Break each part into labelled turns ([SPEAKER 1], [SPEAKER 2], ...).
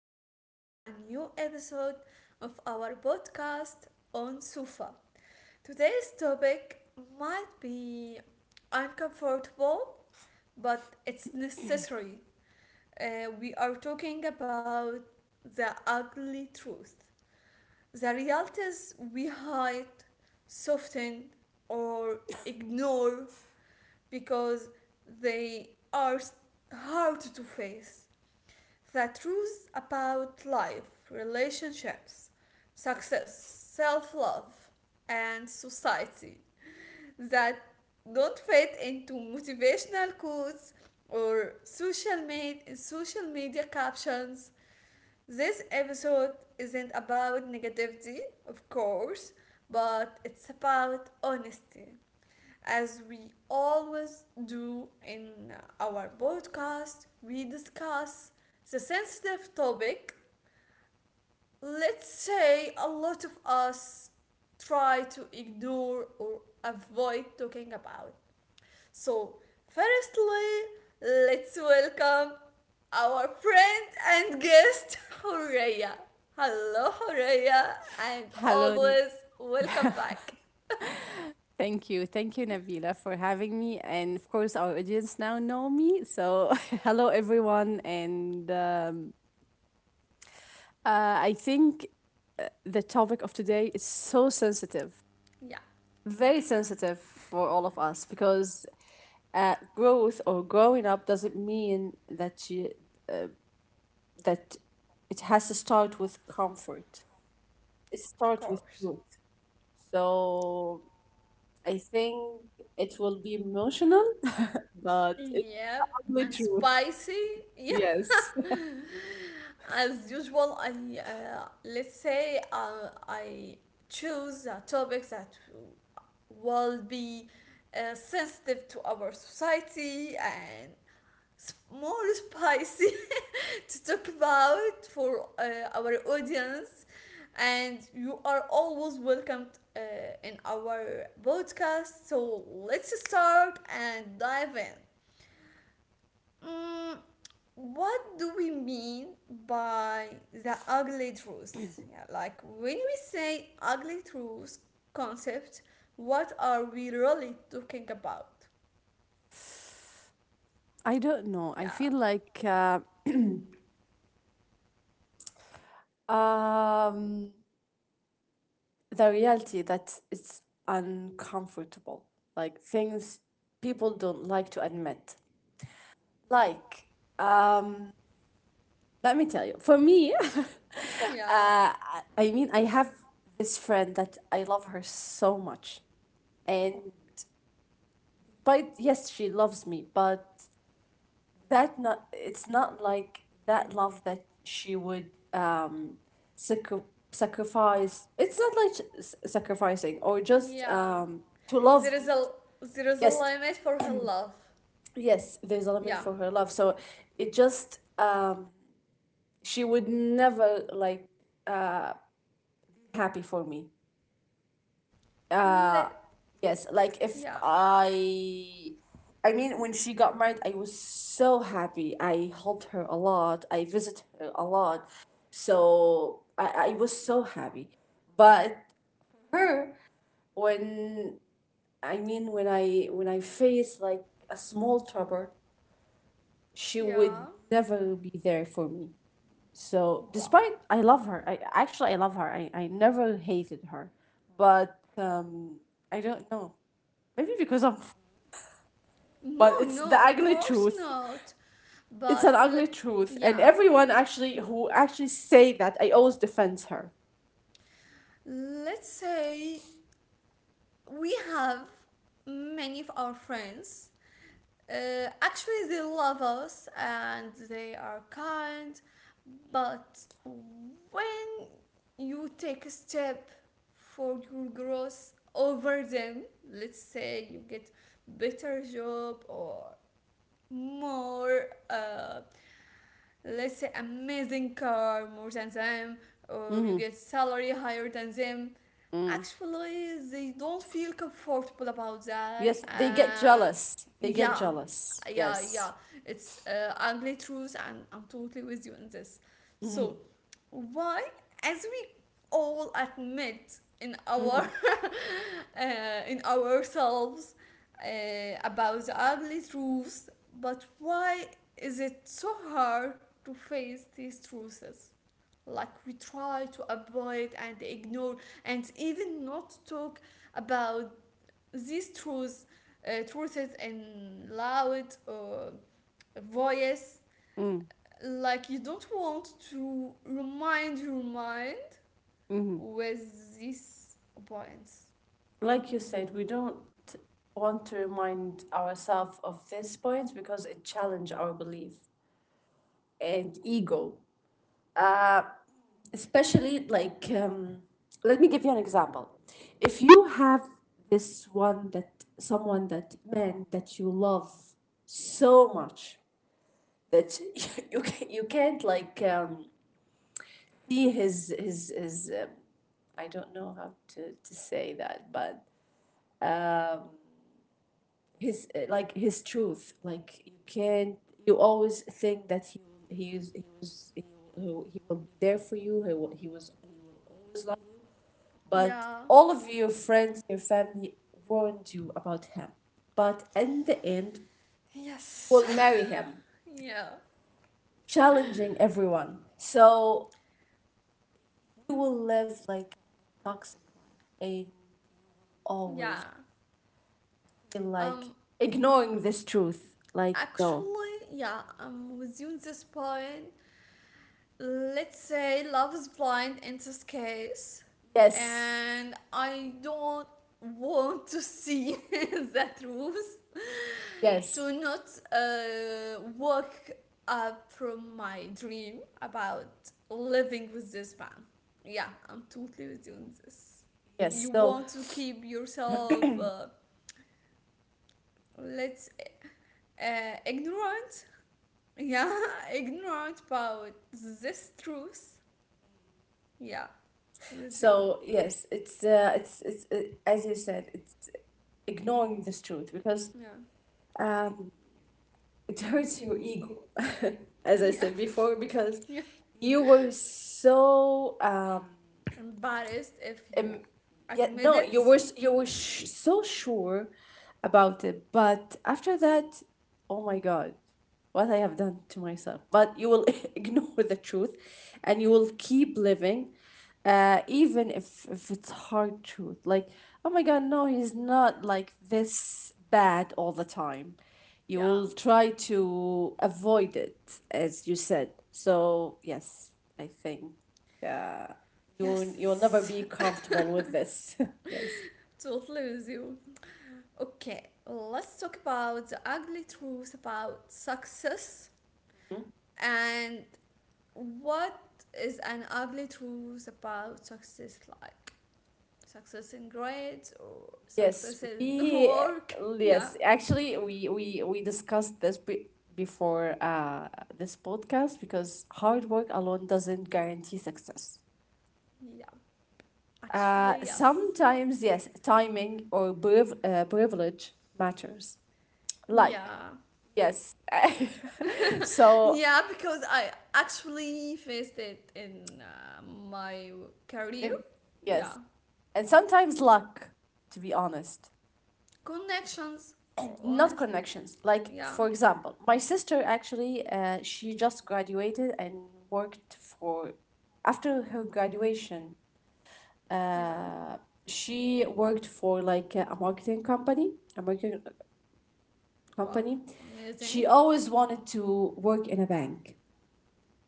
[SPEAKER 1] welcome to a new episode of our podcast on Sufa. Today's topic might be uncomfortable, but it's necessary. We are talking about the ugly truth, the realities we hide, soften, or ignore because they are hard to face the truth about life, relationships, success, self love, and society that don't fit into motivational quotes or social, social media captions. This episode isn't about negativity, of course, but it's about honesty. As we always do in our podcast, we discuss the sensitive topic. Let's say a lot of us try to ignore or avoid talking about. So, firstly, let's welcome our friend and guest, Horeya. Hello, Horeya, and
[SPEAKER 2] Hello.
[SPEAKER 1] always welcome back.
[SPEAKER 2] Thank you, Nabila, for having me. And of course, our audience now know me. So, hello, everyone. And I think the topic of today is so sensitive,
[SPEAKER 1] Yeah,
[SPEAKER 2] very sensitive for all of us because growth or growing up doesn't mean that you that it has to start with comfort. It
[SPEAKER 1] of
[SPEAKER 2] starts with
[SPEAKER 1] course.
[SPEAKER 2] truth. So I think it will be emotional, but it
[SPEAKER 1] Yep,
[SPEAKER 2] the
[SPEAKER 1] and
[SPEAKER 2] truth.
[SPEAKER 1] spicy. Yeah,
[SPEAKER 2] Yes.
[SPEAKER 1] as usual, I let's say I choose a topic that will be sensitive to our society and more spicy to talk about for our audience. And you are always welcomed in our podcast. So let's start and dive in. Mm, what do we mean by the ugly truth? Yeah, like when we say ugly truth concept, what are we really talking about?
[SPEAKER 2] I don't know. I
[SPEAKER 1] Yeah,
[SPEAKER 2] feel like um, the reality that it's uncomfortable, like things people don't like to admit. Like, um, let me tell you, for me,
[SPEAKER 1] yeah,
[SPEAKER 2] I mean, I have this friend that I love her so much, and
[SPEAKER 1] oh,
[SPEAKER 2] but yes, she loves me, but that not it's not like that love that she would. Sacri- Sacrifice, it's not like sacrificing, or just
[SPEAKER 1] yeah.
[SPEAKER 2] to love.
[SPEAKER 1] There is a there is a
[SPEAKER 2] Yes,
[SPEAKER 1] limit for her love.
[SPEAKER 2] yes, there's a limit
[SPEAKER 1] Yeah,
[SPEAKER 2] for her love. So it just she would never, like, uh happy for me.
[SPEAKER 1] Let,
[SPEAKER 2] Yes, like if
[SPEAKER 1] yeah,
[SPEAKER 2] I I mean, when she got married, I was so happy. I helped her a lot. I visit her a lot. So I was so happy. But her when I mean, when I face like a small trouble, she would
[SPEAKER 1] yeah.
[SPEAKER 2] never be there for me. So
[SPEAKER 1] Wow.
[SPEAKER 2] despite I love her, I actually I love her. I never hated her, but I don't know. Maybe because I'm, f- But
[SPEAKER 1] No,
[SPEAKER 2] it's the
[SPEAKER 1] no, of
[SPEAKER 2] ugly
[SPEAKER 1] course
[SPEAKER 2] truth.
[SPEAKER 1] not.
[SPEAKER 2] It's an
[SPEAKER 1] But le-
[SPEAKER 2] ugly truth, and
[SPEAKER 1] yeah,
[SPEAKER 2] everyone actually who actually say that, I always defend her.
[SPEAKER 1] let's say we have many of our friends. Actually, they love us and they are kind, but when you take a step for your growth over them, let's say you get better job or more let's say amazing car more than them or you
[SPEAKER 2] Mm-hmm.
[SPEAKER 1] get salary higher than them
[SPEAKER 2] Mm-hmm.
[SPEAKER 1] actually they don't feel comfortable about that
[SPEAKER 2] Yes, they get jealous. They get
[SPEAKER 1] yeah,
[SPEAKER 2] jealous.
[SPEAKER 1] yeah, yeah.
[SPEAKER 2] Yes.
[SPEAKER 1] It's ugly truth, and I'm totally with you on this. So why, as we all admit in our uh, in ourselves uh, about the ugly truths, but why is it so hard to face these truths? Like we try to avoid and ignore and even not talk about these truths in loud voice. Like you don't want to remind your mind with these points.
[SPEAKER 2] Like you said, we don't want to remind ourselves of these points because it challenge our belief and ego. Uh, Especially, like, let me give you an example. If you have this one that someone, that man that you love so much that you can't, like, see his. I don't know how to say that, but his like, his truth, like you can't you always think that he is he was he, he will be there for you. He will, he was he will always love you. But
[SPEAKER 1] Yeah.
[SPEAKER 2] all of your friends, your family warned you about him, but in the end, you
[SPEAKER 1] Yes.
[SPEAKER 2] will marry him,
[SPEAKER 1] yeah.
[SPEAKER 2] challenging everyone. So you will live like a toxic life and
[SPEAKER 1] Yeah.
[SPEAKER 2] always feel like
[SPEAKER 1] Um.
[SPEAKER 2] ignoring this truth, like no.
[SPEAKER 1] Actually, yeah. I'm with you on this point. Let's say love is blind in this case,
[SPEAKER 2] Yes,
[SPEAKER 1] and I don't want to see the truth to
[SPEAKER 2] yes,
[SPEAKER 1] not work up from my dream about living with this man. Yeah, I'm totally with you on this.
[SPEAKER 2] yes.
[SPEAKER 1] You
[SPEAKER 2] so
[SPEAKER 1] want to keep yourself, let's, ignorant. Yeah, ignorant about this truth. Yeah, with you.
[SPEAKER 2] So yes, it's, as you said, it's ignoring this truth because
[SPEAKER 1] Yeah,
[SPEAKER 2] um, it hurts your ego, as I
[SPEAKER 1] yeah,
[SPEAKER 2] said before, because
[SPEAKER 1] yeah.
[SPEAKER 2] you were so
[SPEAKER 1] Embarrassed if you
[SPEAKER 2] um, yeah,
[SPEAKER 1] admit
[SPEAKER 2] no, you
[SPEAKER 1] it.
[SPEAKER 2] were so sure about it. But after that, oh my god, what I have done to myself. But you will ignore the truth, and you will keep living, even if it's hard truth. Like, oh my god, no, he's not like this bad all the time. You
[SPEAKER 1] Yeah.
[SPEAKER 2] will try to avoid it, as you said. So yes, I think, yeah, you'll never
[SPEAKER 1] Yes.
[SPEAKER 2] be comfortable with this. Yes.
[SPEAKER 1] Totally with you. Okay, let's talk about the ugly truth about success and what is an ugly truth about success, like success in grades or
[SPEAKER 2] Yes,
[SPEAKER 1] success in
[SPEAKER 2] we
[SPEAKER 1] work. Yeah,
[SPEAKER 2] yes, actually, we discussed this before this podcast, because hard work alone doesn't guarantee success.
[SPEAKER 1] yeah, actually, yes.
[SPEAKER 2] Sometimes, yes, timing or privilege matters. Like,
[SPEAKER 1] Yeah,
[SPEAKER 2] yes. so
[SPEAKER 1] yeah, because I actually faced it in my career.
[SPEAKER 2] and,
[SPEAKER 1] Yeah,
[SPEAKER 2] yes. And sometimes luck, to be honest.
[SPEAKER 1] connections for
[SPEAKER 2] Not
[SPEAKER 1] honest.
[SPEAKER 2] connections. Like,
[SPEAKER 1] Yeah,
[SPEAKER 2] for example, my sister actually, she just graduated and worked for after her graduation
[SPEAKER 1] yeah,
[SPEAKER 2] she worked for like a marketing company a marketing
[SPEAKER 1] wow,
[SPEAKER 2] company
[SPEAKER 1] amazing.
[SPEAKER 2] She always wanted to work in a bank,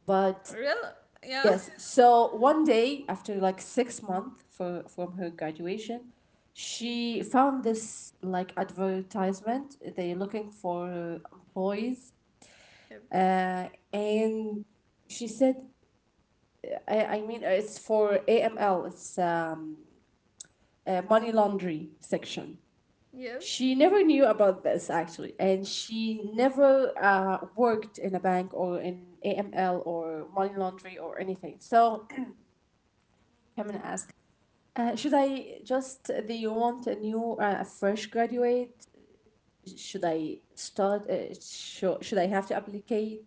[SPEAKER 2] but
[SPEAKER 1] Really? Yeah.
[SPEAKER 2] yes. So one day, after like 6 months from her graduation, she found this like advertisement. They're looking for employees.
[SPEAKER 1] Yep.
[SPEAKER 2] Uh, and she said, I mean, it's for AML. It's, money laundry section.
[SPEAKER 1] Yep.
[SPEAKER 2] She never knew about this actually, and she never worked in a bank or in AML or money laundry or anything. So I'm gonna ask, do you want a new, a fresh graduate, should I start? Should I have to applicate?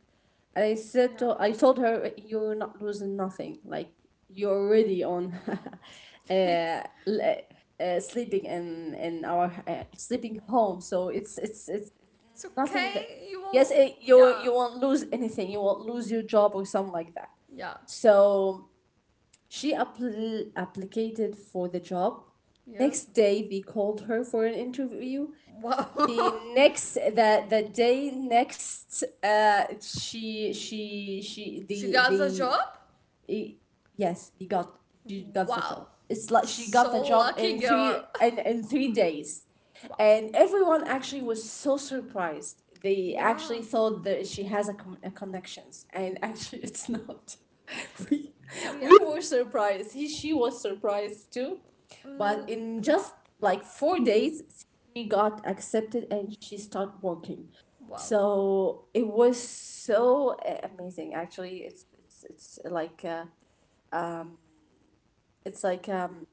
[SPEAKER 2] And
[SPEAKER 1] Yeah.
[SPEAKER 2] I told her, you're not losing nothing. Like, you're uh, le- sleeping in our, sleeping home. So it's
[SPEAKER 1] it's
[SPEAKER 2] nothing that.
[SPEAKER 1] okay. You
[SPEAKER 2] Yes,
[SPEAKER 1] will.
[SPEAKER 2] you
[SPEAKER 1] Yeah.
[SPEAKER 2] you won't lose anything. You won't lose your job or something like that.
[SPEAKER 1] Yep.
[SPEAKER 2] So she applied for the job.
[SPEAKER 1] Yep.
[SPEAKER 2] Next day, they called her for an interview. The
[SPEAKER 1] Wow.
[SPEAKER 2] next the day next she
[SPEAKER 1] She got the
[SPEAKER 2] the
[SPEAKER 1] job?
[SPEAKER 2] e- yes he got She got the
[SPEAKER 1] Wow.
[SPEAKER 2] job. It's like she got
[SPEAKER 1] So
[SPEAKER 2] the job
[SPEAKER 1] lucky
[SPEAKER 2] in
[SPEAKER 1] girl.
[SPEAKER 2] in 3 days.
[SPEAKER 1] Wow.
[SPEAKER 2] And everyone actually was so surprised. They actually
[SPEAKER 1] Yeah.
[SPEAKER 2] thought that she has a connections, and actually it's not. We we,
[SPEAKER 1] Yeah.
[SPEAKER 2] were surprised. He She was surprised too.
[SPEAKER 1] Uh,
[SPEAKER 2] But in just like 4 days, she got accepted and she started working.
[SPEAKER 1] wow.
[SPEAKER 2] So it was so amazing. Actually, it's like,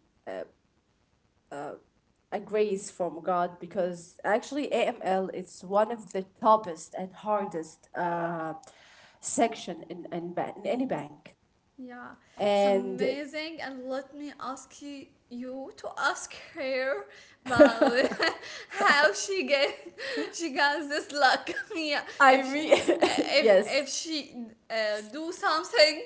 [SPEAKER 2] a grace from God, because actually AML is one of the toughest and hardest section in in any bank.
[SPEAKER 1] Yeah. It's
[SPEAKER 2] And
[SPEAKER 1] amazing. And let me ask you to ask her about how she got this luck. yeah,
[SPEAKER 2] I
[SPEAKER 1] if she,
[SPEAKER 2] re
[SPEAKER 1] if
[SPEAKER 2] yes,
[SPEAKER 1] if she do something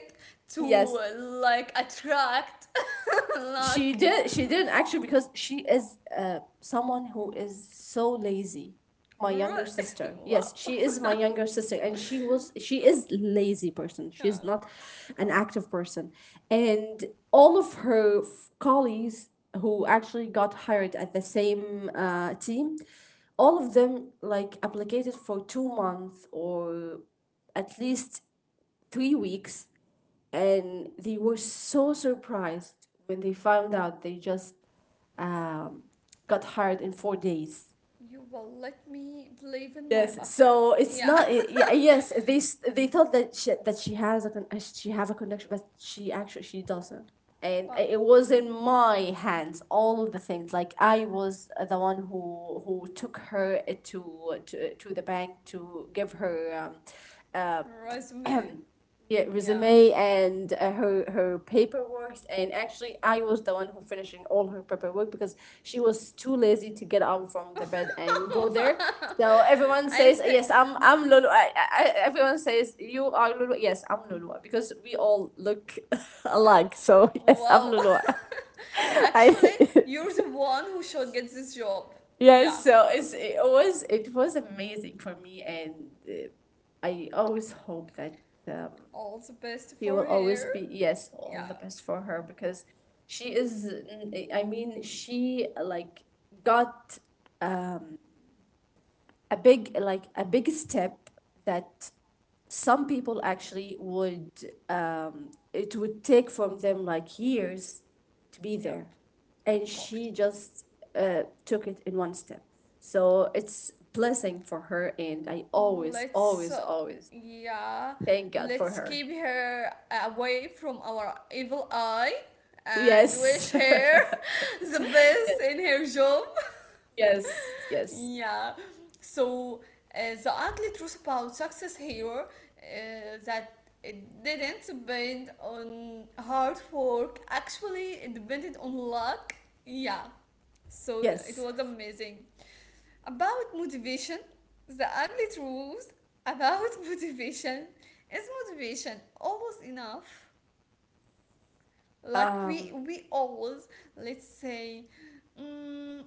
[SPEAKER 1] to
[SPEAKER 2] yes.
[SPEAKER 1] like attract
[SPEAKER 2] She
[SPEAKER 1] luck.
[SPEAKER 2] did. She didn't actually, because she is, someone who is so lazy. My younger sister.
[SPEAKER 1] wow.
[SPEAKER 2] Yes, she is my younger sister, and she was. She is lazy person. She
[SPEAKER 1] Yeah.
[SPEAKER 2] is not an active person, and all of her colleagues who actually got hired at the same, team, all of them like applied for 2 months, or at least 3 weeks, and they were so surprised when they found out they just um, got hired in 4 days.
[SPEAKER 1] You will let me believe in my
[SPEAKER 2] Yes,
[SPEAKER 1] luck.
[SPEAKER 2] so it's
[SPEAKER 1] Yeah.
[SPEAKER 2] not. Yeah, yes, they thought that that she have a connection, but she actually, she doesn't. And
[SPEAKER 1] Well,
[SPEAKER 2] it was in my hands all of the things. Like, I was, the one who took her, to the bank, to give her, um,
[SPEAKER 1] resume.
[SPEAKER 2] yeah,
[SPEAKER 1] Yeah.
[SPEAKER 2] resume, and her paperwork. And actually, I was the one who finishing all her paperwork, because she was too lazy to get out from the bed and go there.
[SPEAKER 1] Wow.
[SPEAKER 2] So everyone
[SPEAKER 1] I
[SPEAKER 2] says
[SPEAKER 1] think.
[SPEAKER 2] yes, I'm Lulu. Everyone says you are Lulu. Yes, I'm Lulu, because we all look alike. So yes, I'm
[SPEAKER 1] Wow.
[SPEAKER 2] Lulu. I
[SPEAKER 1] Actually, you're the one who should get this job. Yeah.
[SPEAKER 2] Yes. So it was amazing for me, and uh, I always hope that. Um,
[SPEAKER 1] All the best
[SPEAKER 2] she
[SPEAKER 1] for
[SPEAKER 2] will always
[SPEAKER 1] her.
[SPEAKER 2] be, yes, all
[SPEAKER 1] Yeah.
[SPEAKER 2] the best for her, because she is n- I mean she like got a big, like a big step that some people actually would, it would take from them like years to be
[SPEAKER 1] Yep,
[SPEAKER 2] there.
[SPEAKER 1] of
[SPEAKER 2] And
[SPEAKER 1] course.
[SPEAKER 2] she just took it in one step. So it's blessing for her, and I always,
[SPEAKER 1] Let's, uh,
[SPEAKER 2] always, always
[SPEAKER 1] yeah,
[SPEAKER 2] thank god
[SPEAKER 1] let's
[SPEAKER 2] for
[SPEAKER 1] keep
[SPEAKER 2] her.
[SPEAKER 1] her away from our evil eye and
[SPEAKER 2] Yes.
[SPEAKER 1] wish her the best in her job.
[SPEAKER 2] Yes, yes,
[SPEAKER 1] yeah, so the ugly truth about success here that it didn't depend on hard work, actually, it depended on luck. Yeah, so it
[SPEAKER 2] yes.
[SPEAKER 1] was amazing. About motivation, the ugly truth about motivation is motivation always enough. Like we
[SPEAKER 2] Um,
[SPEAKER 1] we always, let's say, mm,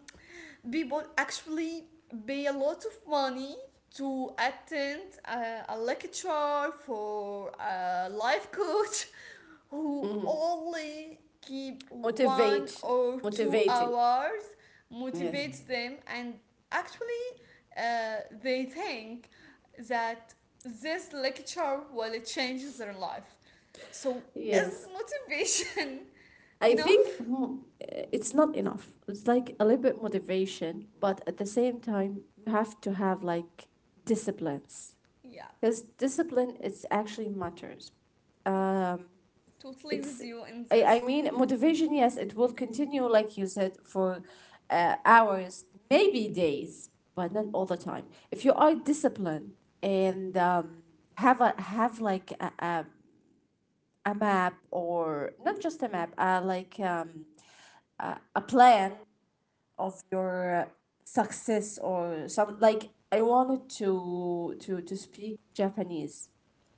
[SPEAKER 1] people actually pay a lot of money to attend a lecture for a life coach who only keep one
[SPEAKER 2] motivate,
[SPEAKER 1] or two
[SPEAKER 2] Motivating.
[SPEAKER 1] hours
[SPEAKER 2] Yes,
[SPEAKER 1] motivates them, and actually they think that this lecture will change their life, so is
[SPEAKER 2] yes.
[SPEAKER 1] motivation
[SPEAKER 2] I think,
[SPEAKER 1] enough?
[SPEAKER 2] it's not enough. It's like a little bit motivation, but at the same time, you have to have like disciplines,
[SPEAKER 1] Yeah,
[SPEAKER 2] because discipline is actually matters.
[SPEAKER 1] yeah, totally
[SPEAKER 2] it's
[SPEAKER 1] with you in
[SPEAKER 2] I
[SPEAKER 1] this.
[SPEAKER 2] mean, motivation, yes, it will continue, like you said, for hours, maybe days, but not all the time. If you are disciplined, and have like a map, or not just a map, like, a plan of your success. Or, some like, I wanted to speak Japanese.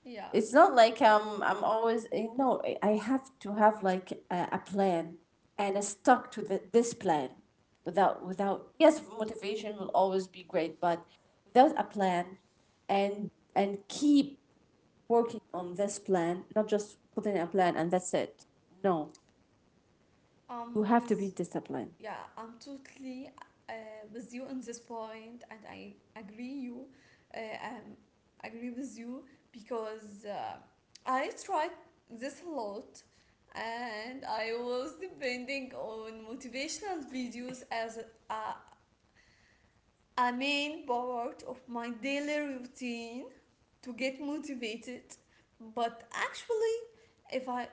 [SPEAKER 1] Yeah,
[SPEAKER 2] It's not like, I'm always, I have to have like a plan, and I stuck to this plan. Without, yes, motivation will always be great, but without a plan, and keep working on this plan, not just putting a plan and that's it. No, you
[SPEAKER 1] I'm
[SPEAKER 2] have to be
[SPEAKER 1] with
[SPEAKER 2] disciplined.
[SPEAKER 1] yeah, I'm totally uh, with you on this point, and uh, um, agree with you because I tried this a lot, and I was depending on motivational videos as a, a main part of my daily routine to get motivated, but if I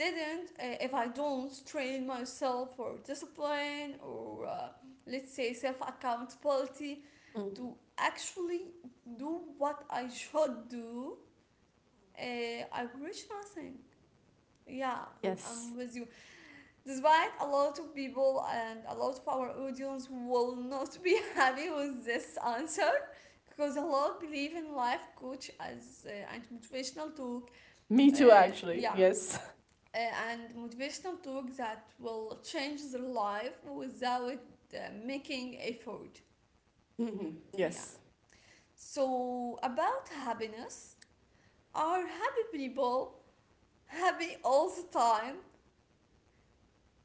[SPEAKER 1] if I don't train myself for discipline or let's say self accountability to
[SPEAKER 2] Mm.
[SPEAKER 1] actually do what I should do, uh, I will reach nothing. Yeah,
[SPEAKER 2] Yes.
[SPEAKER 1] I'm with you. Despite a lot of people and a lot of our audience will not be happy with this answer because a lot believe in life coach as and motivational talk.
[SPEAKER 2] Me
[SPEAKER 1] Uh,
[SPEAKER 2] too, actually.
[SPEAKER 1] yeah,
[SPEAKER 2] Yes.
[SPEAKER 1] uh, and motivational talk that will change their life without uh, making effort.
[SPEAKER 2] Mhm.
[SPEAKER 1] Yeah.
[SPEAKER 2] Yes.
[SPEAKER 1] So about happiness, are happy people happy all the time?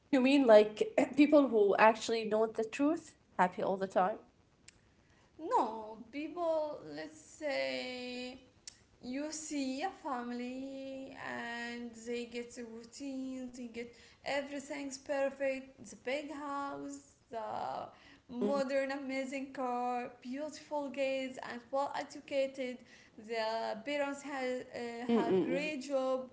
[SPEAKER 2] You mean, like, people who actually know the truth, happy all the time?
[SPEAKER 1] No, people, let's say you see a family and they get the routine, they get everything's perfect, the big house, the modern amazing car, beautiful kids and well educated, the parents have great job,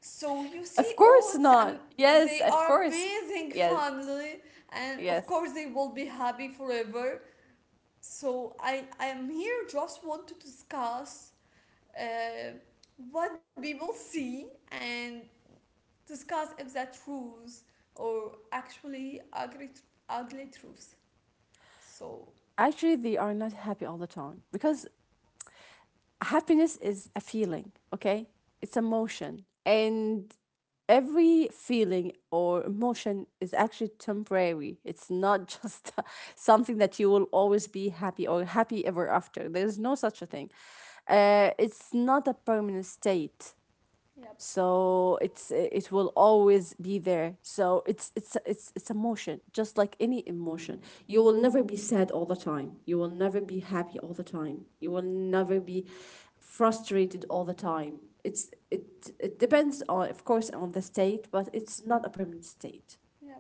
[SPEAKER 1] so you see,
[SPEAKER 2] Of
[SPEAKER 1] oh,
[SPEAKER 2] course
[SPEAKER 1] it's
[SPEAKER 2] not. Yes,
[SPEAKER 1] they
[SPEAKER 2] of
[SPEAKER 1] are
[SPEAKER 2] course.
[SPEAKER 1] amazing
[SPEAKER 2] Yes,
[SPEAKER 1] family, and of
[SPEAKER 2] yes.
[SPEAKER 1] course they will be happy forever. So I am here just want to discuss uh, what people see and discuss if that are truths or actually ugly, ugly truths. So,
[SPEAKER 2] Actually, they are not happy all the time, because happiness is a feeling, okay? It's emotion. And every feeling or emotion is actually temporary. It's not just something that you will always be happy or happy ever after. There's no such a thing. It's not a permanent state.
[SPEAKER 1] yep,
[SPEAKER 2] So it will always be there, so it's emotion, just like any emotion. You will never be sad all the time, you will never be happy all the time, you will never be frustrated all the time. it's it it depends on, of course, on the state, but it's not a permanent state.
[SPEAKER 1] yep,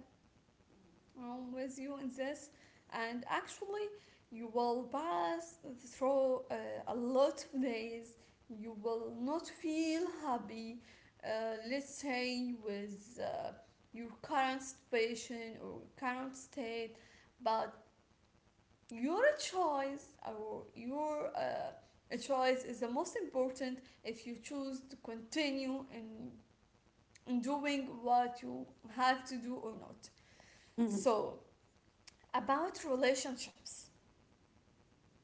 [SPEAKER 1] I'm with you in this. And actually, you will pass through a lot of days. You will not feel happy, let's say, with your current situation or current state, but your choice or your a choice is the most important, if you choose to continue in doing what you have to do or not. So about relationships,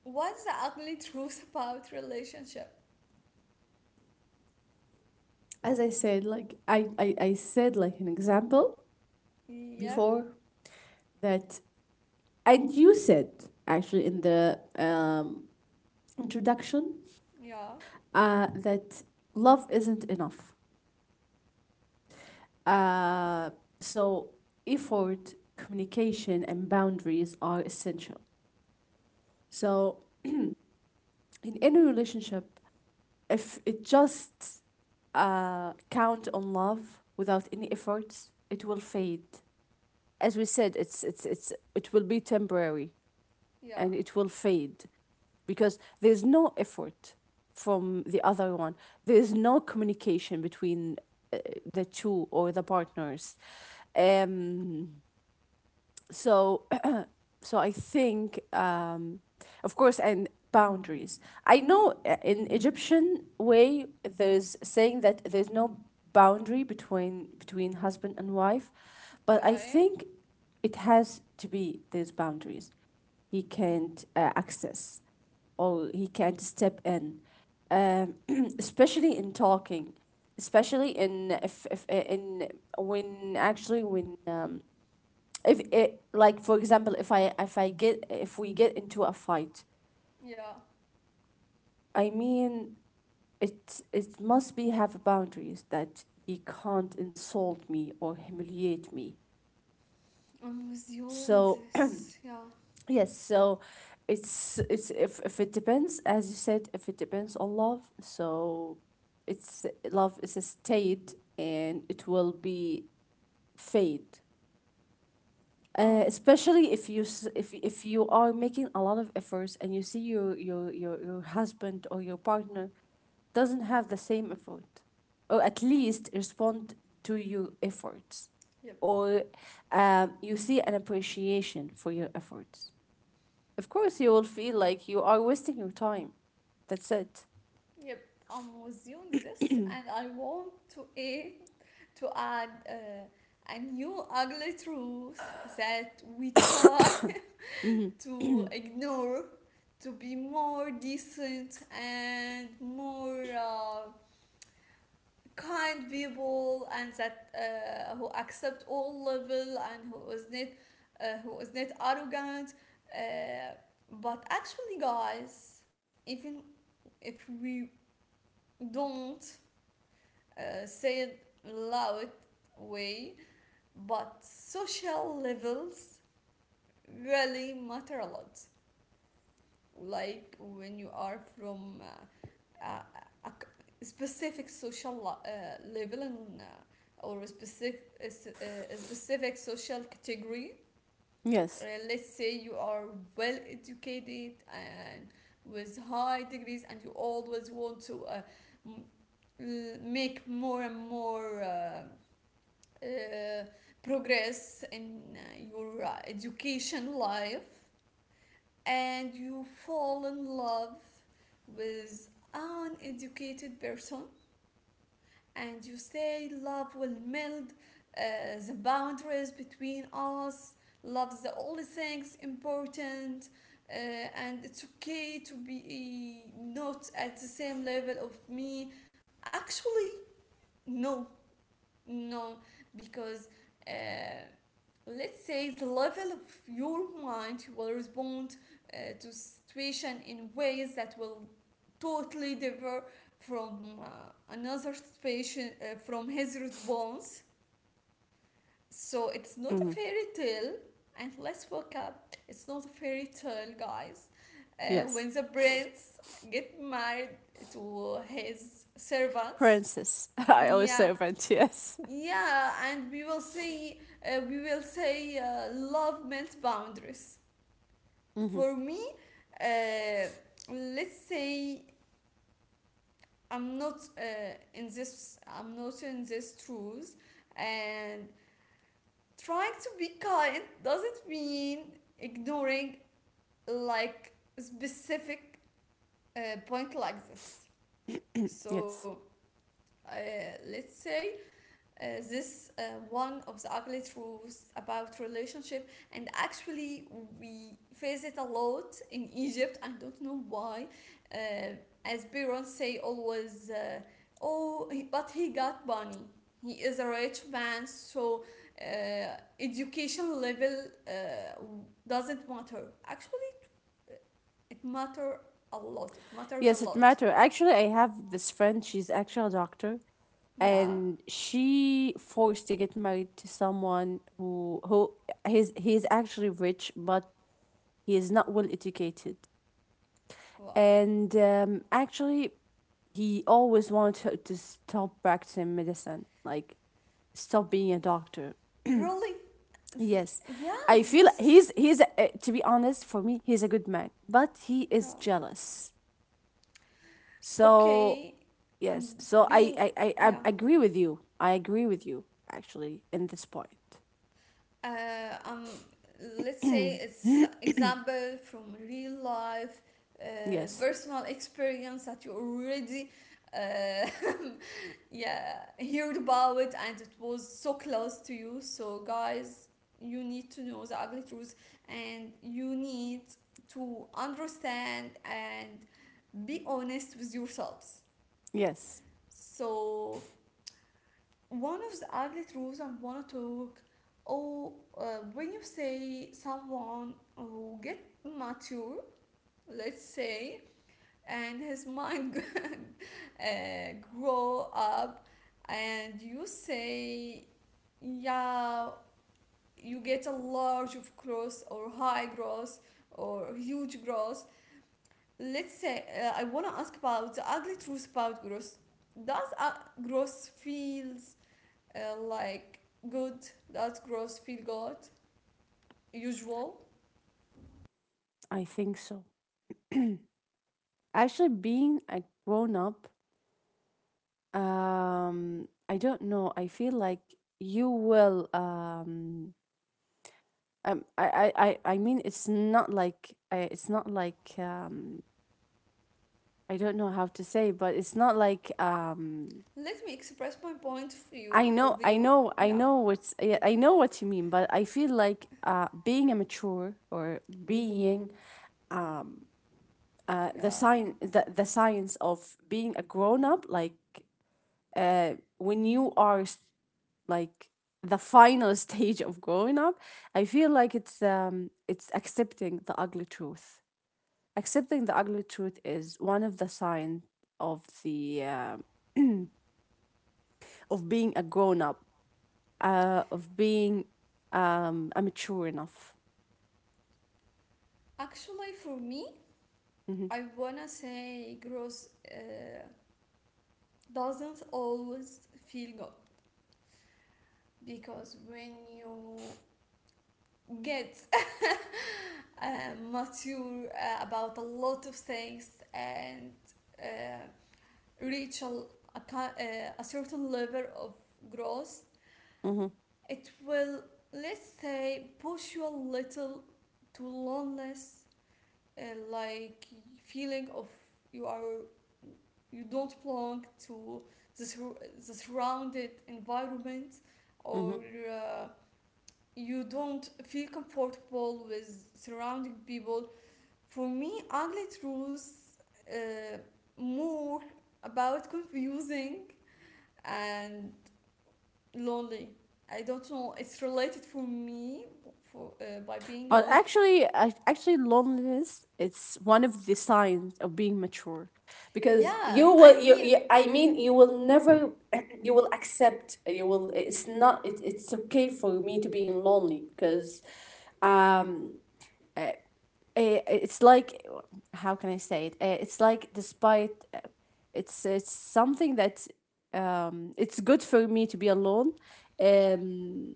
[SPEAKER 1] what's the ugly truth about relationship?
[SPEAKER 2] As I said, like, I said, like an example
[SPEAKER 1] Yep,
[SPEAKER 2] before that, and you said actually in the, introduction,
[SPEAKER 1] yeah,
[SPEAKER 2] that love isn't enough.
[SPEAKER 1] yeah,
[SPEAKER 2] Uh, so, effort, communication, and boundaries are essential. So, in any relationship, if it just count on love without any efforts, it will fade. As we said, it's it will be temporary.
[SPEAKER 1] yeah,
[SPEAKER 2] And it will fade because there's no effort from the other one. There's no communication between uh, the two or the partners. Um, so so I think, of course, and boundaries. I know in Egyptian way there's saying that there's no boundary between husband and wife, but I
[SPEAKER 1] okay,
[SPEAKER 2] think it has to be there's boundaries. He can't access, or he can't step in, um, especially in talking, especially in if in when actually when if it like for example if we get into a fight.
[SPEAKER 1] yeah,
[SPEAKER 2] I mean, it must be have boundaries that he can't insult me or humiliate me.
[SPEAKER 1] I'm with you in
[SPEAKER 2] So
[SPEAKER 1] this. Yeah.
[SPEAKER 2] yes, so it's if it depends, as you said, if it depends on love. So it's love is a state and it will be fade,
[SPEAKER 1] um
[SPEAKER 2] especially if you are making a lot of efforts and you see your husband or your partner doesn't have the same effort, or at least respond to your efforts,
[SPEAKER 1] yep.
[SPEAKER 2] or you see an appreciation for your efforts. Of course you will feel like you are wasting your time. That's it.
[SPEAKER 1] Yep, I'm with you on this, and I want to add, a new ugly truth that we try
[SPEAKER 2] Mm-hmm.
[SPEAKER 1] to ignore to be more decent and more kind people and that who accept all level and who is not arrogant uh, but actually guys, even if we don't say it loud way, but social levels really matter a lot. Like when you are from a specific social level and or a specific social category.
[SPEAKER 2] Yes.
[SPEAKER 1] Let's say you are well educated and with high degrees, and you always want to m- make more and more. Uh, progress in your education life, and you fall in love with an educated person, and you say love will meld uh, the boundaries between us, love's the only things important, uh, and it's okay to be not at the same level of me. Ah, no. No, because uh, let's say the level of your mind will respond to situation in ways that will totally differ from another situation from his response. So it's not a
[SPEAKER 2] Mm-hmm.
[SPEAKER 1] fairy tale. And let's wake up. It's not a fairy tale, guys. Uh,
[SPEAKER 2] Yes,
[SPEAKER 1] when the prince get married to his servants,
[SPEAKER 2] princess. I always
[SPEAKER 1] yeah,
[SPEAKER 2] say friend. Yes.
[SPEAKER 1] yeah, and we will say love melts boundaries.
[SPEAKER 2] Mm-hmm.
[SPEAKER 1] For me, uh, let's say I'm not uh, I'm not in this truth, and trying to be kind doesn't mean ignoring like specific uh, point like this.
[SPEAKER 2] Yes.
[SPEAKER 1] So uh, let's say this one of the ugly truths about relationship, and actually we face it a lot in Egypt. I don't know why. uh, as parents say always, oh, but he got money, he is a rich man, so education level uh, doesn't matter, actually, uh, it matters a lot, it
[SPEAKER 2] Yes,
[SPEAKER 1] matters a
[SPEAKER 2] it
[SPEAKER 1] lot.
[SPEAKER 2] matter. Actually, I have this friend, she's actually a doctor,
[SPEAKER 1] Yeah,
[SPEAKER 2] and she forced to get married to someone who he's actually rich, but he is not well educated.
[SPEAKER 1] wow,
[SPEAKER 2] And actually, he always wanted her to stop practicing medicine, like stop being a doctor.
[SPEAKER 1] really.
[SPEAKER 2] Yes,
[SPEAKER 1] Yeah,
[SPEAKER 2] I feel
[SPEAKER 1] this is,
[SPEAKER 2] he's to be honest, for me, he's a good man, but he
[SPEAKER 1] yeah,
[SPEAKER 2] is jealous. So
[SPEAKER 1] okay.
[SPEAKER 2] yes, so
[SPEAKER 1] Being,
[SPEAKER 2] I
[SPEAKER 1] yeah,
[SPEAKER 2] agree with you. I agree with you actually in this point.
[SPEAKER 1] uh, um let's say it's example from real life,
[SPEAKER 2] Yes,
[SPEAKER 1] personal experience that you already uh, yeah heard about it, and it was so close to you, so guys, you need to know the ugly truth, and you need to understand and be honest with yourselves.
[SPEAKER 2] yes,
[SPEAKER 1] So one of the ugly truths I want to talk. Oh, when you say someone who get mature, let's say, and his mind uh, grow up, and you say, yeah, you get a large of growth or high growth or huge growth. Let's say I want to ask about the ugly truth about growth. Does growth feels like good, that gross, feel good, usual.
[SPEAKER 2] I think so. Actually, being a grown up, I don't know. I feel like you will. I mean, it's not like I, it's not like I don't know how to say, but it's not like
[SPEAKER 1] Let me express my point of view.
[SPEAKER 2] I know, I know, I
[SPEAKER 1] Yeah,
[SPEAKER 2] know what's, yeah, I know what you mean. But I feel like being a mature or being
[SPEAKER 1] yeah.
[SPEAKER 2] the science of being a grown up, like when you are like the final stage of growing up, I feel like it's accepting the ugly truth. Accepting the ugly truth is one of the signs of the of being a grown up, of being a mature enough.
[SPEAKER 1] Actually, for me,
[SPEAKER 2] Mm-hmm.
[SPEAKER 1] I wanna say gross, doesn't always feel good because when you get mature about a lot of things and uh, reach a, a certain level of growth.
[SPEAKER 2] Mm-hmm.
[SPEAKER 1] It will, let's say, push you a little to loneliness, uh, like feeling of you are you don't belong to the surrounded environment or
[SPEAKER 2] Mm-hmm.
[SPEAKER 1] uh, you don't feel comfortable with surrounding people. For me, ugly truths uh, more about confusing and lonely. I don't know. It's related for me for by being
[SPEAKER 2] But
[SPEAKER 1] lonely.
[SPEAKER 2] actually, actually, loneliness it's one of the signs of being mature, because
[SPEAKER 1] Yeah,
[SPEAKER 2] you
[SPEAKER 1] I
[SPEAKER 2] will, you,
[SPEAKER 1] mean,
[SPEAKER 2] you I mean, you will never, you will accept, you will. It's not. It's okay for me to be lonely because, um, it's like, how can I say it? It's like despite, it's something that, it's good for me to be alone, um,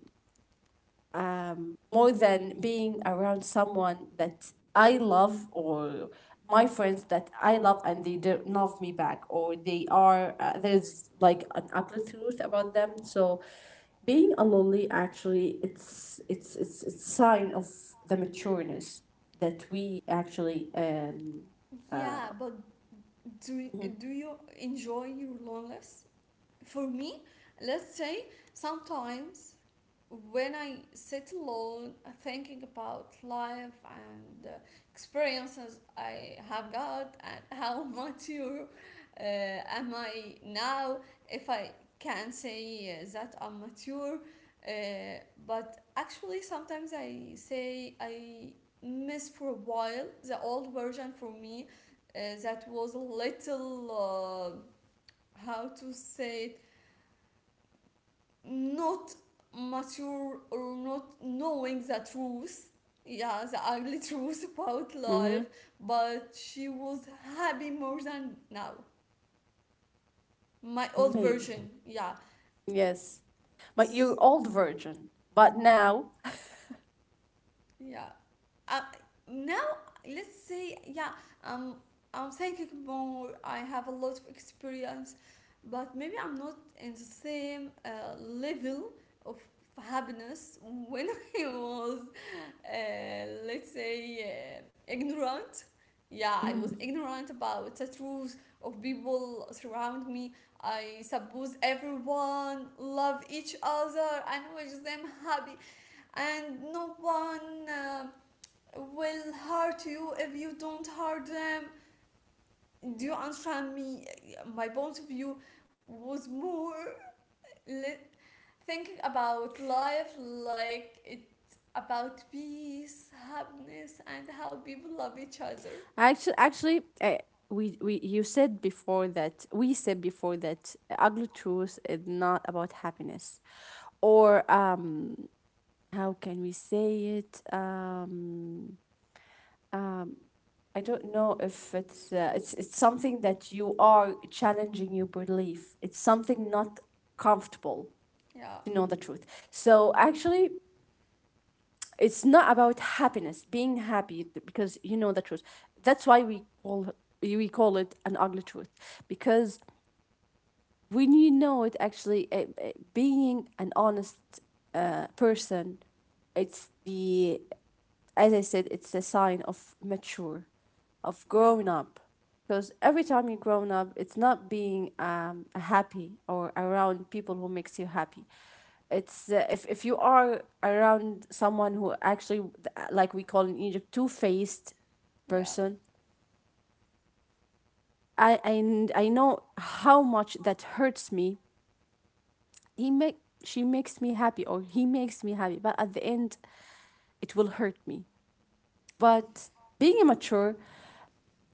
[SPEAKER 2] more than being around someone that I love, or my friends that I love and they don't love me back, or they are, there's like an ugly truth about them. So being a lonely actually it's sign of the matureness that we actually
[SPEAKER 1] yeah,
[SPEAKER 2] uh
[SPEAKER 1] but do do you enjoy your loneliness? For me, let's say sometimes when I sit alone thinking about life and experiences I have got and how mature am I now, if I can say that I'm mature, uh, but actually sometimes I say I miss for a while the old version for me, that was a little, how to say, not mature or not knowing the truth, yeah, the ugly truth about
[SPEAKER 2] Mm-hmm.
[SPEAKER 1] life. But she was happy more than now, my old
[SPEAKER 2] Maybe,
[SPEAKER 1] version. Yeah,
[SPEAKER 2] yes, but you're old virgin, but now.
[SPEAKER 1] yeah. Uh, Now let's say, yeah, um, I'm thinking more, I have a lot of experience, but maybe I'm not in the same level of happiness when I was, let's say, ignorant. Yeah, I was ignorant about the truth of people surround me. I suppose everyone love each other and wish them happy, and no one will hurt you if you don't hurt them. Do you understand me? My point of view was more, li- thinking about life like it's about peace, happiness, and how people love each other.
[SPEAKER 2] Actually, actually, we you said before that we said before that ugly truth is not about happiness, or how can we say it? I don't know if it's it's something that you are challenging your belief. It's something not comfortable
[SPEAKER 1] Yeah,
[SPEAKER 2] to know the truth. So actually, it's not about happiness, being happy because you know the truth. That's why we call, we call it an ugly truth, because when you know it actually being an honest person, it's the, as I said, it's a sign of mature, of
[SPEAKER 1] yeah,
[SPEAKER 2] growing up. Because every time you're grown up, it's not being happy or around people who makes you happy. It's if you are around someone who actually like we call in Egypt two-faced
[SPEAKER 1] yeah.
[SPEAKER 2] person, I know how much that hurts me. He make, she makes me happy or he makes me happy, but at the end it will hurt me. But being immature,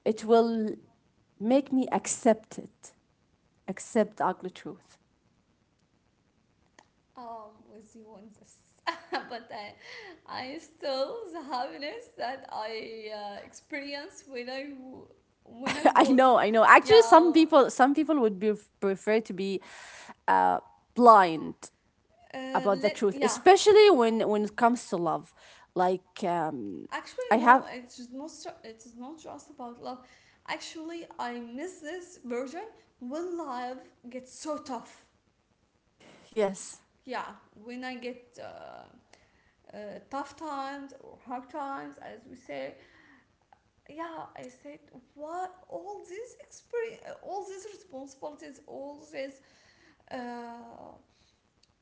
[SPEAKER 2] it will make me accept it, accept the ugly truth.
[SPEAKER 1] With you on this, but I still the happiness that I experienced when I
[SPEAKER 2] I
[SPEAKER 1] was,
[SPEAKER 2] know, I know, actually
[SPEAKER 1] yeah.
[SPEAKER 2] some people, some people would be prefer to be uh, blind about the
[SPEAKER 1] Let,
[SPEAKER 2] truth,
[SPEAKER 1] yeah.
[SPEAKER 2] especially when it comes to love, like
[SPEAKER 1] Actually,
[SPEAKER 2] I
[SPEAKER 1] no.
[SPEAKER 2] have,
[SPEAKER 1] It's just not. It's not just about love. Actually, I miss this version when life gets so tough.
[SPEAKER 2] yes,
[SPEAKER 1] Yeah, when I get tough times or hard times, as we say. Yeah, I said what all these experience, all these responsibilities, all these uh,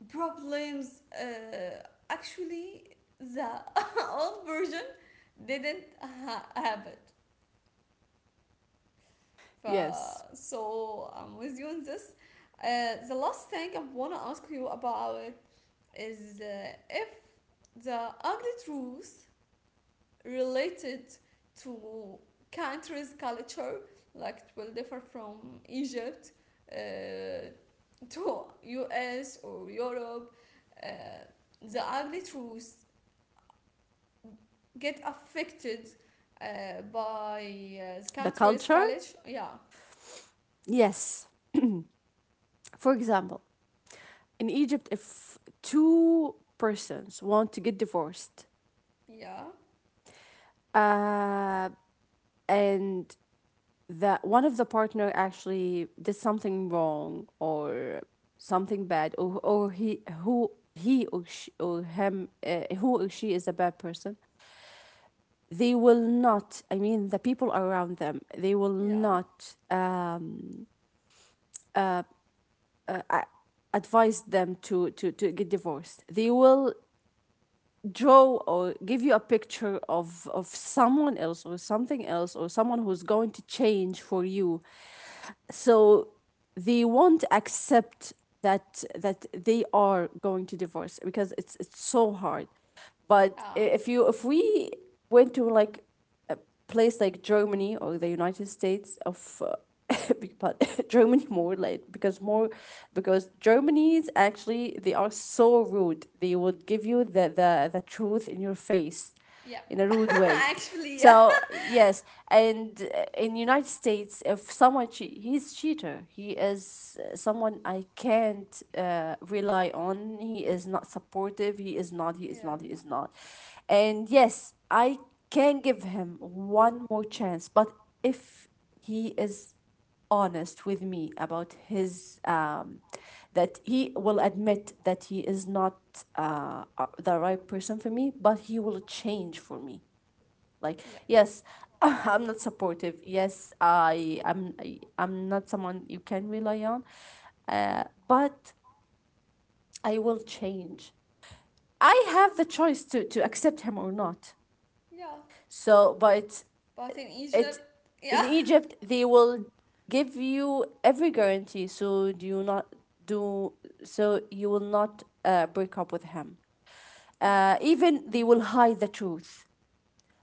[SPEAKER 1] problems. Actually, the old version didn't have it. ف
[SPEAKER 2] yes,
[SPEAKER 1] So I'm with you on this. The last thing I wanna ask you about is if the ugly truth related to countries' culture, like it will differ from Egypt uh, to US or Europe, uh, the ugly truths get affected by the
[SPEAKER 2] the
[SPEAKER 1] country's
[SPEAKER 2] culture,
[SPEAKER 1] college. Yeah,
[SPEAKER 2] yes. For example, in Egypt, if two persons want to get divorced,
[SPEAKER 1] yeah,
[SPEAKER 2] uh, and that one of the partner actually did something wrong or something bad, or he who he or she or him who or she is a bad person, they will not. I mean, the people around them, they will
[SPEAKER 1] yeah.
[SPEAKER 2] not. Advise them to, to get divorced. They will draw or give you a picture of someone else or something else or someone who's going to change for you. So they won't accept that that they are going to divorce, because it's so hard. But
[SPEAKER 1] Oh,
[SPEAKER 2] if you, if we went to like place like Germany or the United States of Germany more like, because more, because Germany's actually they are so rude. They would give you the truth in your face
[SPEAKER 1] yeah.
[SPEAKER 2] in a rude way.
[SPEAKER 1] Actually, yeah.
[SPEAKER 2] So yes. And in United States, if someone he's cheater, he is someone I can't rely on. He is not supportive. He is not. He is
[SPEAKER 1] Yeah.
[SPEAKER 2] not. He is not. And yes, I can give him one more chance. But if he is honest with me about his that he will admit that he is not the right person for me, but he will change for me. Like
[SPEAKER 1] Yeah.
[SPEAKER 2] yes, I'm not supportive. Yes, I am. I'm not someone you can rely on, but I will change. I have the choice to accept him or not.
[SPEAKER 1] Yeah.
[SPEAKER 2] So, but
[SPEAKER 1] But in
[SPEAKER 2] it,
[SPEAKER 1] Egypt,
[SPEAKER 2] in
[SPEAKER 1] yeah.
[SPEAKER 2] Egypt they will give you every guarantee, so do you not, do, so you will not break up with him,
[SPEAKER 1] Yeah.
[SPEAKER 2] even they will hide the truth,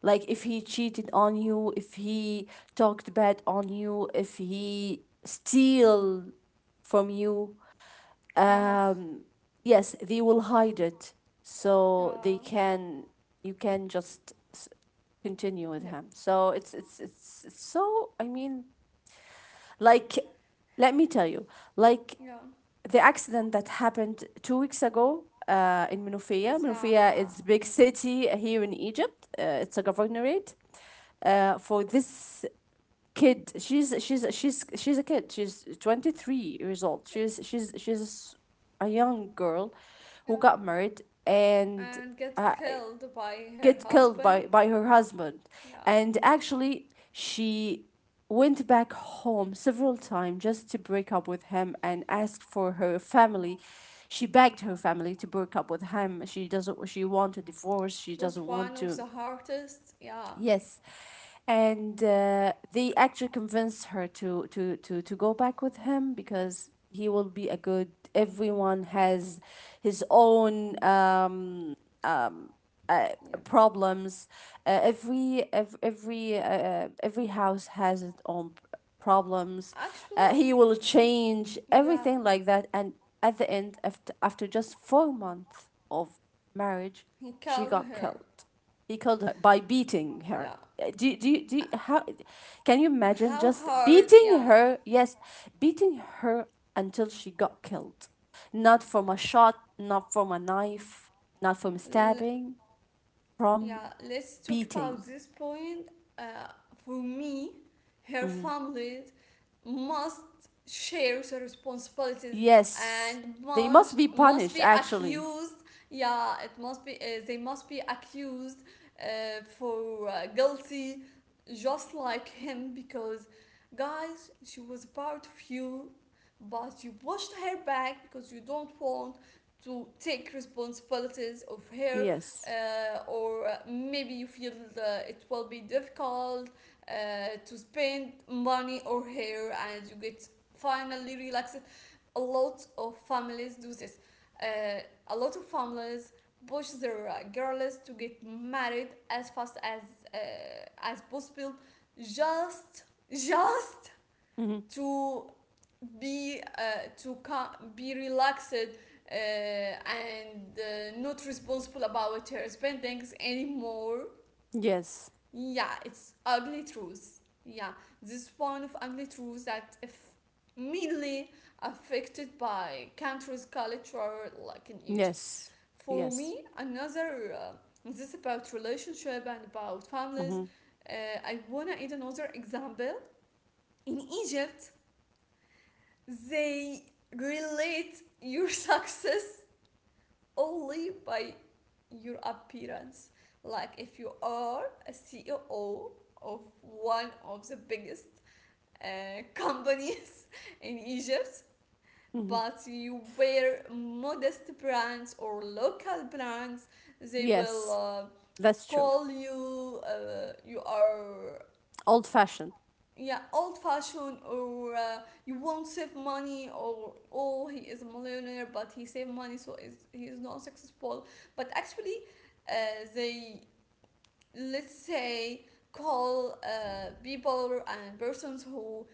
[SPEAKER 2] like if he cheated on you, if he talked bad on you, if he steal from you,
[SPEAKER 1] Wow.
[SPEAKER 2] um, yes, they will hide it so they
[SPEAKER 1] Yeah.
[SPEAKER 2] can, you can just continue with
[SPEAKER 1] Yep.
[SPEAKER 2] him. So it's it's so, I mean, like, let me tell you, like
[SPEAKER 1] Yeah.
[SPEAKER 2] the accident that happened 2 weeks ago in Minofia.
[SPEAKER 1] Za.
[SPEAKER 2] Minofia is a big
[SPEAKER 1] Yeah.
[SPEAKER 2] city here in Egypt. It's a governorate. For this kid, she's a kid. She's 23 years old.
[SPEAKER 1] Yep.
[SPEAKER 2] She's a young girl who
[SPEAKER 1] Yeah.
[SPEAKER 2] got married and.
[SPEAKER 1] And get
[SPEAKER 2] Uh,
[SPEAKER 1] killed by her
[SPEAKER 2] get killed
[SPEAKER 1] husband.
[SPEAKER 2] by her husband.
[SPEAKER 1] Yeah.
[SPEAKER 2] And
[SPEAKER 1] It,
[SPEAKER 2] actually, she went back home several times just to break up with him and asked for her family. She begged her family to break up with him. She doesn't. She want a divorce. She
[SPEAKER 1] it
[SPEAKER 2] doesn't
[SPEAKER 1] was
[SPEAKER 2] want
[SPEAKER 1] one
[SPEAKER 2] to.
[SPEAKER 1] of the hardest. Yeah.
[SPEAKER 2] Yes, and they actually convinced her to go back with him, because he will be a good. Everyone has his own. Uh,
[SPEAKER 1] Yep.
[SPEAKER 2] problems. Every house has its own problems.
[SPEAKER 1] Actually,
[SPEAKER 2] He will change
[SPEAKER 1] yeah.
[SPEAKER 2] everything like that, and at the end, after after just 4 months of marriage,
[SPEAKER 1] He
[SPEAKER 2] she
[SPEAKER 1] killed
[SPEAKER 2] got
[SPEAKER 1] her.
[SPEAKER 2] killed. He killed her by beating
[SPEAKER 1] Yeah.
[SPEAKER 2] her.
[SPEAKER 1] Uh,
[SPEAKER 2] How can you
[SPEAKER 1] how
[SPEAKER 2] imagine just
[SPEAKER 1] hard? Yeah.
[SPEAKER 2] beating her? Yes, beating her until she got killed. Not from a shot, not from a knife, not from
[SPEAKER 1] L-
[SPEAKER 2] stabbing, from
[SPEAKER 1] yeah, let's talk about
[SPEAKER 2] beating.
[SPEAKER 1] this point. Uh, for me, her
[SPEAKER 2] Mhm.
[SPEAKER 1] family must share the responsibilities
[SPEAKER 2] Yes.
[SPEAKER 1] and
[SPEAKER 2] They must
[SPEAKER 1] must
[SPEAKER 2] be
[SPEAKER 1] must
[SPEAKER 2] punished,
[SPEAKER 1] be
[SPEAKER 2] actually.
[SPEAKER 1] accused. Yeah, it must be, they must be accused for guilty, just like him, because guys, she was part of you, but you pushed her back because you don't want to take responsibilities of her,
[SPEAKER 2] Yes.
[SPEAKER 1] or maybe you feel it will be difficult to spend money or hair, and you get finally relaxed. A lot of families do this. uh, a lot of families push their girls to get married as fast as, uh, as possible, just just
[SPEAKER 2] Hmm.
[SPEAKER 1] to be, to be relaxed, and not responsible about her spendings anymore.
[SPEAKER 2] Yes.
[SPEAKER 1] Yeah, it's ugly truths. Yeah, this one of ugly truths that if mainly affected by country's culture, like in Egypt.
[SPEAKER 2] Yes.
[SPEAKER 1] For
[SPEAKER 2] Yes.
[SPEAKER 1] me, another, this is about relationship and about families.
[SPEAKER 2] Hmm.
[SPEAKER 1] Uh, I wanna add another example. In Egypt, they relate your success only by your appearance. Like if you are a CEO of one of the biggest companies in Egypt,
[SPEAKER 2] Hmm.
[SPEAKER 1] but you wear modest brands or local brands, they will,
[SPEAKER 2] Yes. That's true.
[SPEAKER 1] call you, you are,
[SPEAKER 2] Old fashioned.
[SPEAKER 1] yeah, old fashioned or, you won't save money, or oh, he is a millionaire but he saved money, so is he is not successful. But actually, uh, they, let's say, call people and persons who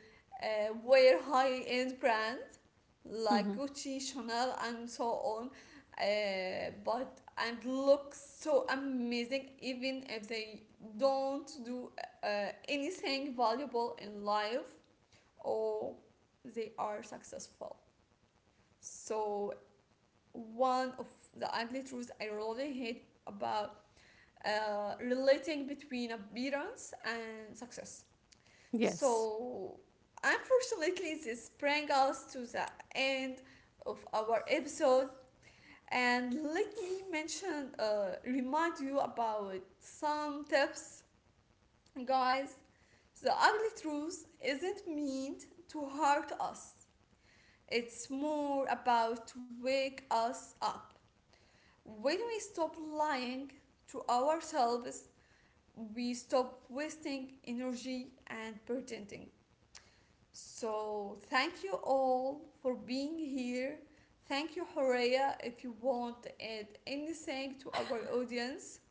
[SPEAKER 1] wear high end brands like
[SPEAKER 2] Hmm.
[SPEAKER 1] Gucci, Chanel, and so on. But and look so amazing even if they don't do anything valuable in life, or they are successful. So one of the ugly truths I really hate about relating between appearance and success.
[SPEAKER 2] Yes.
[SPEAKER 1] So, unfortunately, this brings us to the end of our episode. And let me mention, remind you about some tips, guys. The ugly truth isn't meant to hurt us. It's more about to wake us up. When we stop lying to ourselves, we stop wasting energy and pretending. So, thank you all for being here. Thank you, Horea, if you want to add anything to our audience.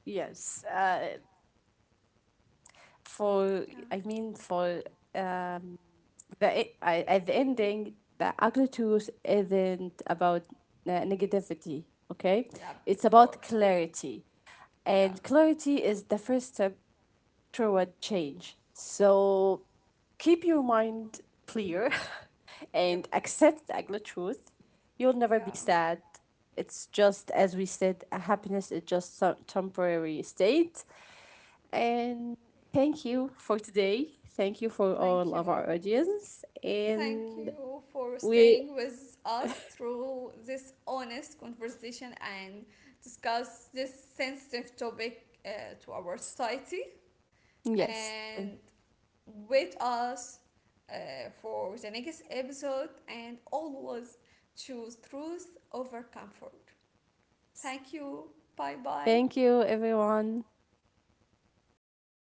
[SPEAKER 2] Yes. For,
[SPEAKER 1] Yeah,
[SPEAKER 2] I mean, for um, the, I, at the ending, the agriculture isn't about negativity, okay?
[SPEAKER 1] yeah,
[SPEAKER 2] It's
[SPEAKER 1] of
[SPEAKER 2] about
[SPEAKER 1] course.
[SPEAKER 2] clarity. And
[SPEAKER 1] Yeah,
[SPEAKER 2] clarity is the first step toward change. So keep your mind clear and
[SPEAKER 1] yep,
[SPEAKER 2] accept the ugly truth. You'll never be
[SPEAKER 1] yeah.
[SPEAKER 2] sad. It's just, as we said, a happiness is just some temporary state. And thank you for today. Thank you for all
[SPEAKER 1] Thank
[SPEAKER 2] of
[SPEAKER 1] you.
[SPEAKER 2] our audience.
[SPEAKER 1] Thank
[SPEAKER 2] And
[SPEAKER 1] you for
[SPEAKER 2] we,
[SPEAKER 1] staying with us through this honest conversation and discuss this sensitive topic to our society.
[SPEAKER 2] yes, thank,
[SPEAKER 1] And with us for the next episode, and always choose truth over comfort. Thank you. Bye bye.
[SPEAKER 2] thank you, everyone.